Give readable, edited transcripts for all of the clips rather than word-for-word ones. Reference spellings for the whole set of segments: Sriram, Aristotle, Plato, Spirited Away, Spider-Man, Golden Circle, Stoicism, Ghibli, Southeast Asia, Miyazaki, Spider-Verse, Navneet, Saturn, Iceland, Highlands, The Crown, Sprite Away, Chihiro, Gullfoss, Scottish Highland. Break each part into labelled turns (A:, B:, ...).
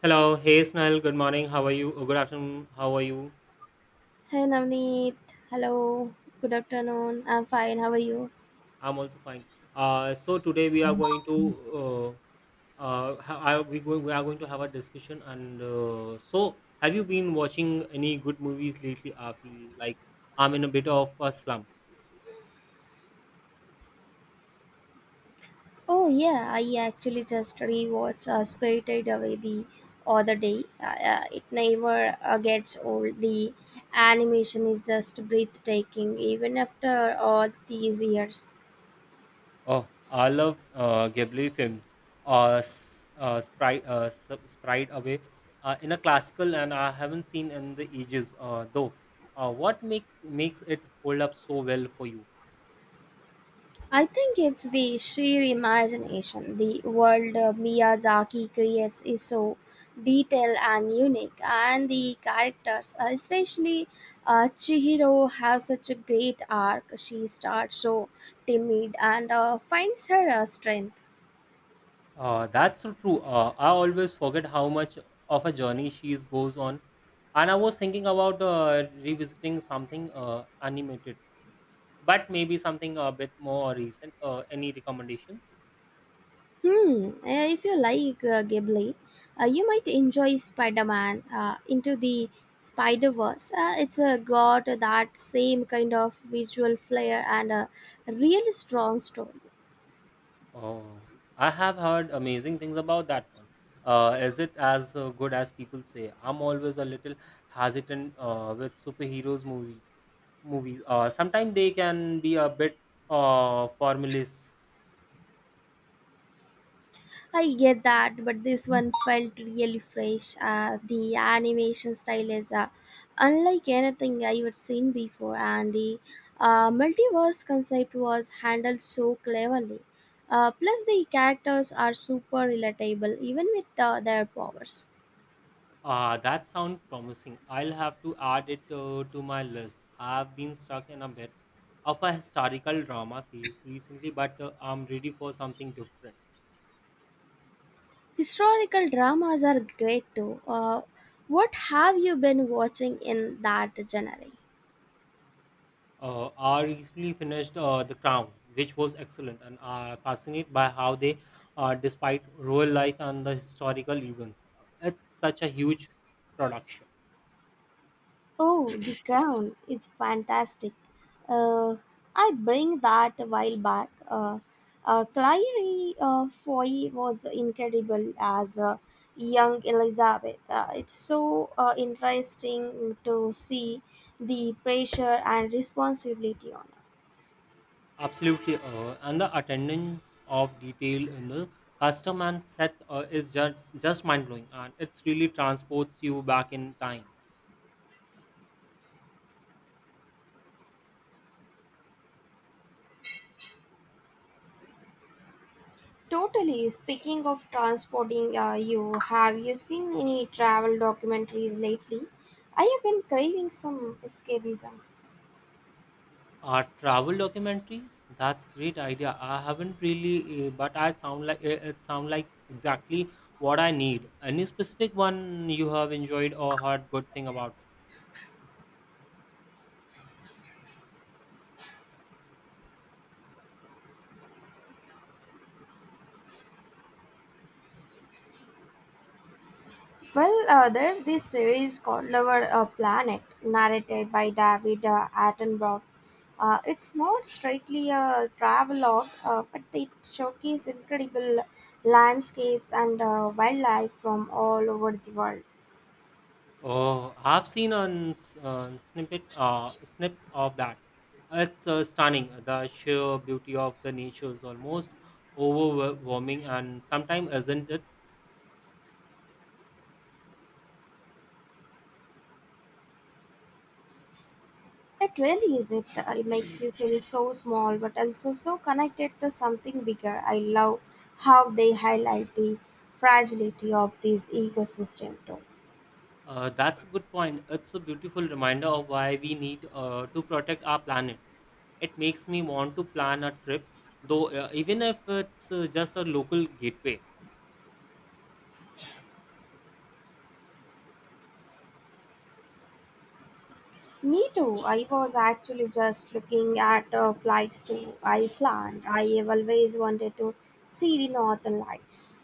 A: Hello. Hey, Snail. Good morning. How are you? Good afternoon. How are you?
B: Hey Navneet, hello, good afternoon. I'm fine. How are you?
A: I'm also fine. So today we are going to uh, are we going we are going to have a discussion and so have you been watching any good movies lately? I feel like I'm in a bit of a slump.
B: Oh yeah, I actually just rewatched Spirited Away the other day. It never gets old. The animation is just breathtaking, even after all these years.
A: Oh, I love Ghibli films. Sprite Away, in a classical, and I haven't seen in the ages. Though, what makes it hold up so well for you?
B: I think it's the sheer imagination. The world Miyazaki creates is so detailed and unique, and the characters, especially Chihiro, have such a great arc. She starts so timid and finds her strength.
A: That's so true. I always forget how much of a journey she is goes on. And I was thinking about revisiting something animated, but maybe something a bit more recent. Any recommendations?
B: Hmm. If you like Ghibli, you might enjoy Spider-Man into the Spider-Verse. It's got that same kind of visual flair and a really strong story.
A: Oh, I have heard amazing things about that one. Is it as good as people say? I'm always a little hesitant with superheroes movies. Sometimes they can be a bit formulas.
B: I get that, but this one felt really fresh. The animation style is unlike anything I've seen before, and the multiverse concept was handled so cleverly. Plus, the characters are super relatable, even with their powers.
A: Ah, that sounds promising. I'll have to add it to my list. I've been stuck in a bit of a historical drama phase recently, but I'm ready for something different.
B: Historical dramas are great too. What have you been watching in that genre?
A: I recently finished The Crown, which was excellent, and I'm fascinated by how they despite real life and the historical events, it's such a huge production.
B: Oh, The Crown is fantastic. Uh, I bring that a while back. Clary Foy was incredible as young Elizabeth. It's so interesting to see the pressure and responsibility on her.
A: Absolutely, and the attendance of detail in the custom and set is just mind blowing, and it really transports you back in time.
B: Totally. Speaking of transporting you, have you seen any travel documentaries lately? I have been craving some escapism.
A: Travel documentaries, that's great idea. I haven't really, but I sound like it sound like exactly what I need. Any specific one you have enjoyed or heard good thing about?
B: Well, there's this series called Our Planet, narrated by David Attenborough. It's not strictly a travelogue, but it showcases incredible landscapes and wildlife from all over the world.
A: Oh, I've seen a snippet of that. It's stunning. The sheer beauty of the nature is almost overwhelming, and sometimes isn't it?
B: It really is it. It makes you feel so small, but also so connected to something bigger. I love how they highlight the fragility of these ecosystem too.
A: That's a good point. It's a beautiful reminder of why we need to protect our planet. It makes me want to plan a trip, though, even if it's just a local gateway.
B: Me too. I was actually just looking at flights to Iceland. I have always wanted to see the northern lights.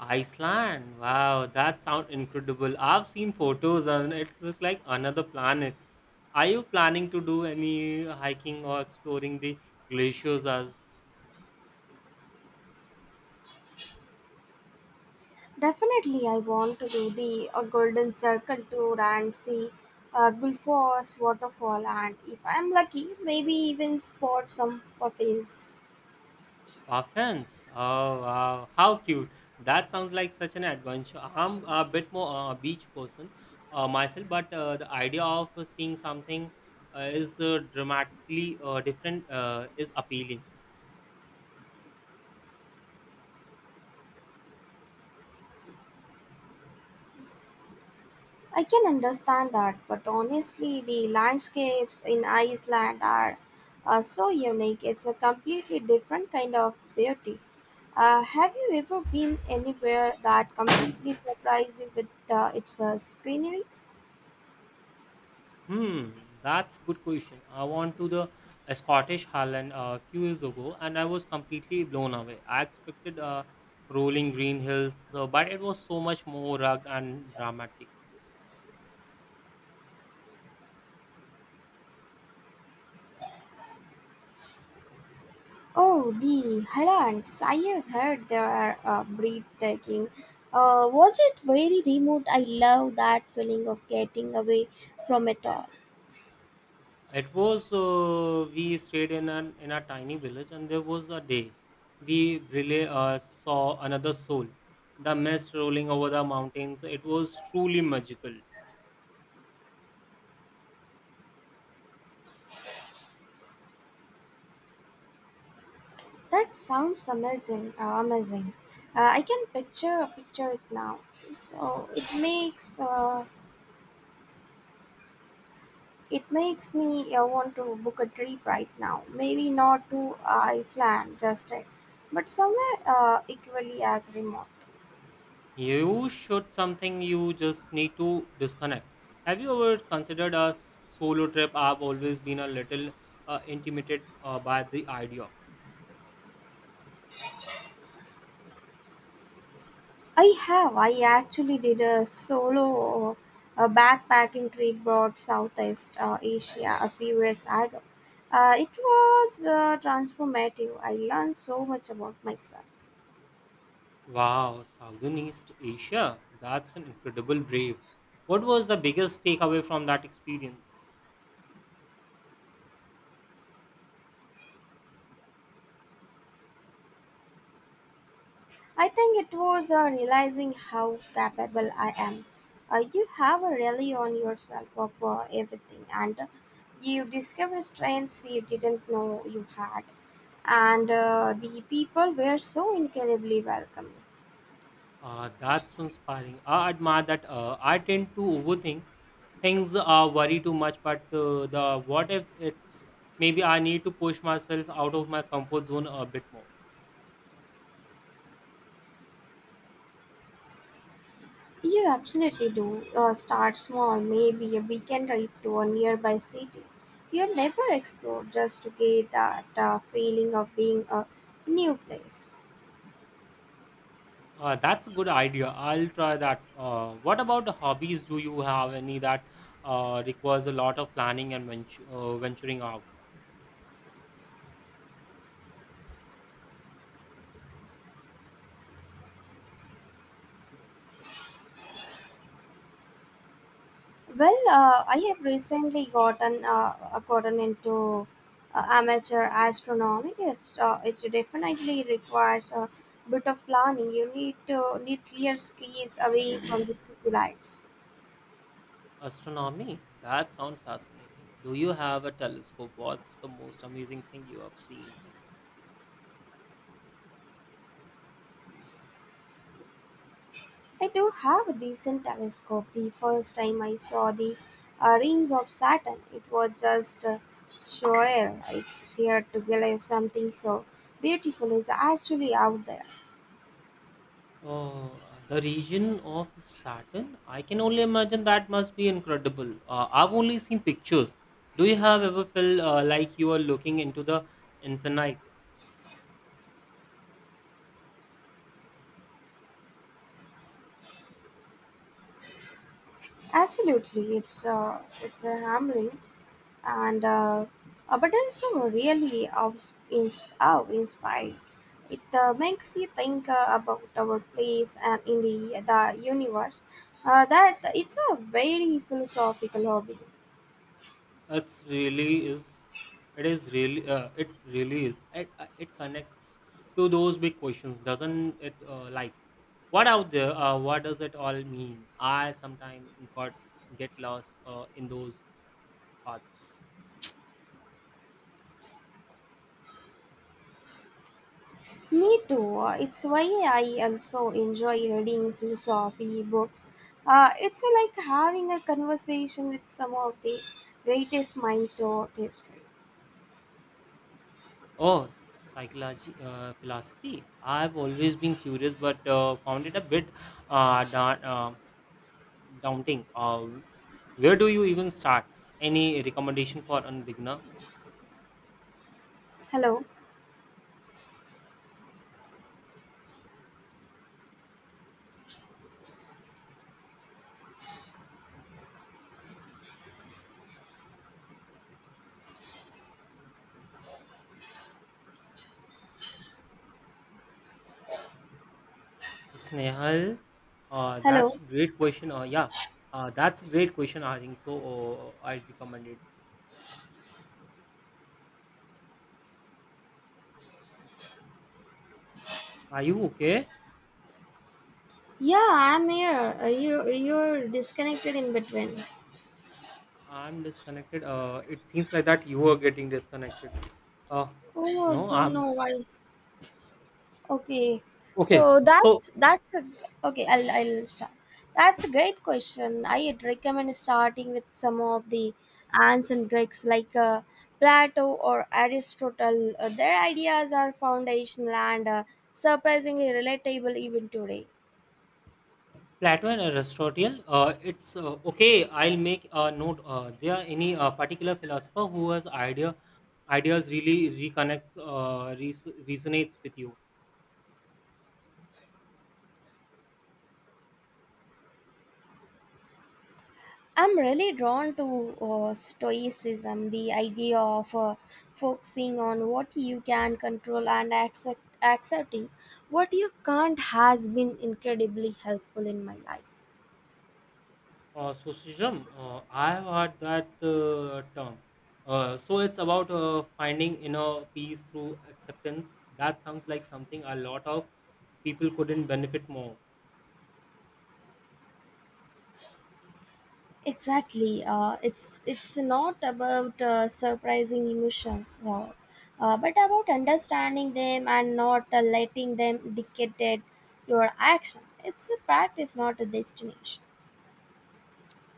A: Iceland. Wow, that sounds incredible. I've seen photos and it looks like another planet. Are you planning to do any hiking or exploring the glaciers as
B: Definitely, I want to do the Golden Circle tour and see Gullfoss waterfall, and if I'm lucky, maybe even spot some puffins.
A: puffins? Oh wow, how cute. That sounds like such an adventure. I'm a bit more a beach person myself, but the idea of seeing something is dramatically different is appealing.
B: I can understand that, but honestly, the landscapes in Iceland are so unique. It's a completely different kind of beauty. Have you ever been anywhere that completely surprised you with its greenery?
A: Hmm, that's good question. I went to the Scottish Highland a few years ago, and I was completely blown away. I expected rolling green hills, but it was so much more rugged and dramatic.
B: Oh, the Highlands. I have heard they are breathtaking. Was it very remote? I love that feeling of getting away from it all.
A: It was we stayed in an in a tiny village, and there was a day we really saw another soul. The mist rolling over the mountains. It was truly magical.
B: That sounds amazing. Amazing. I can picture it now. So it makes uh, it makes me want to book a trip right now. Maybe not to Iceland just yet, but somewhere equally as remote.
A: You should something you just need to disconnect. Have you ever considered a solo trip? I've always been a little intimidated by the idea.
B: I have. I actually did a solo backpacking trip about Southeast Asia a few years ago. It was transformative. I learned so much about myself.
A: Wow, Southeast Asia. That's an incredible brave. What was the biggest takeaway from that experience?
B: I think it was realizing how capable I am. You have a rally on yourself for everything, and you discover strengths you didn't know you had. And the people were so incredibly welcoming.
A: That's so inspiring. I admire that I tend to overthink things, worry too much, but the what if it's maybe I need to push myself out of my comfort zone a bit more.
B: You absolutely do. Start small, maybe a weekend trip to a nearby city. You'll never explore just to get that feeling of being a new place.
A: That's a good idea. I'll try that. What about the hobbies? Do you have any that requires a lot of planning and venturing out?
B: Well, I have recently gotten into amateur astronomy. It definitely requires a bit of planning. You need clear skies away from the city lights.
A: Astronomy? That sounds fascinating. Do you have a telescope? What's the most amazing thing you have seen?
B: I do have a decent telescope. The first time I saw the rings of Saturn, it was just surreal. It's here to believe something so beautiful is actually out there.
A: Oh, the region of Saturn? I can only imagine that must be incredible. I've only seen pictures. Do you have ever felt like you are looking into the infinite?
B: Absolutely, it's a humbling and but also really of oh, inspired. It makes you think about our place and in the universe. That it's a very philosophical hobby.
A: It's really is. It is really. It really is. It it connects to those big questions, doesn't it? Like what out there? What does it all mean? I sometimes got get lost in those thoughts.
B: Me too. It's why I also enjoy reading philosophy books. It's like having a conversation with some of the greatest minds throughout history.
A: Oh, psychology, philosophy. I've always been curious, but found it a bit uh, da- uh, daunting. Where do you even start? Any recommendation for a beginner?
B: Hello,
A: Snehal, that's
B: hello.
A: great question. Yeah, that's great question. I think so. I recommend it. Are you okay?
B: Yeah, I'm here. You're disconnected in between.
A: I'm disconnected. It seems like that you are getting disconnected. Uh,
B: Oh,
A: no,
B: don't
A: I'm
B: know why. Okay,
A: okay.
B: so
A: So
B: that's a, okay. I'll start. That's a great question. I'd recommend starting with some of the ancient Greeks, like Plato or Aristotle. Their ideas are foundational and surprisingly relatable even today.
A: Plato and Aristotle. It's okay. I'll make a note. There are any particular philosopher who has ideas really reconnects resonates with you.
B: I'm really drawn to Stoicism, the idea of focusing on what you can control and accepting what you can't has been incredibly helpful in my life.
A: Sriram, I have heard that term. It's about finding inner peace through acceptance. That sounds like something a lot of people couldn't benefit more.
B: Exactly. It's not about surprising emotions, but about understanding them and not letting them dictate your action. It's a practice, not a destination.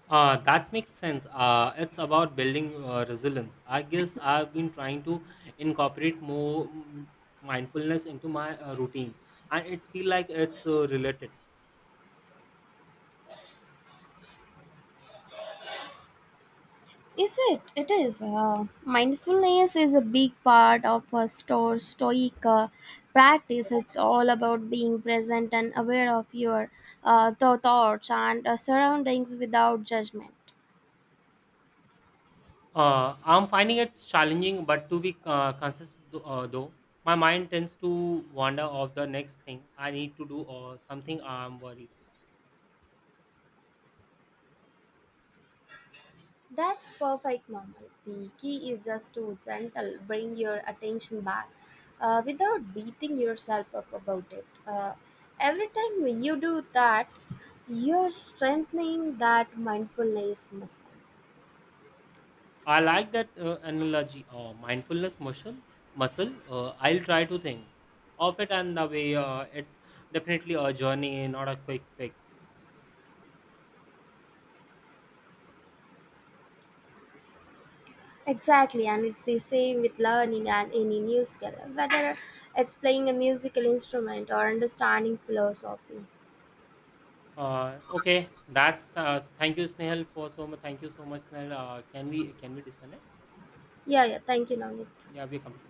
A: That makes sense. It's about building resilience. I guess I've been trying to incorporate more mindfulness into my routine, and it feels like it's related.
B: Is it? It is. Mindfulness is a big part of a store stoic practice. It's all about being present and aware of your thoughts and surroundings without judgment.
A: I'm finding it challenging, but to be consistent though, my mind tends to wander off the next thing I need to do or something I'm worried
B: That's perfect normal. The key is just to gentle, bring your attention back without beating yourself up about it. Every time you do that, you're strengthening that mindfulness muscle.
A: about. I like that analogy, mindfulness muscle. Muscle. I'll try to think of it and the way it's definitely a journey, not a quick fix.
B: Exactly, and it's the same with learning and any new skill, whether it's playing a musical instrument or understanding philosophy.
A: Okay, that's thank you, Snehal, for so much. Thank you so much, Snehal. Can we disconnect?
B: Yeah, yeah, thank you, Navneet.
A: Yeah, we're complete.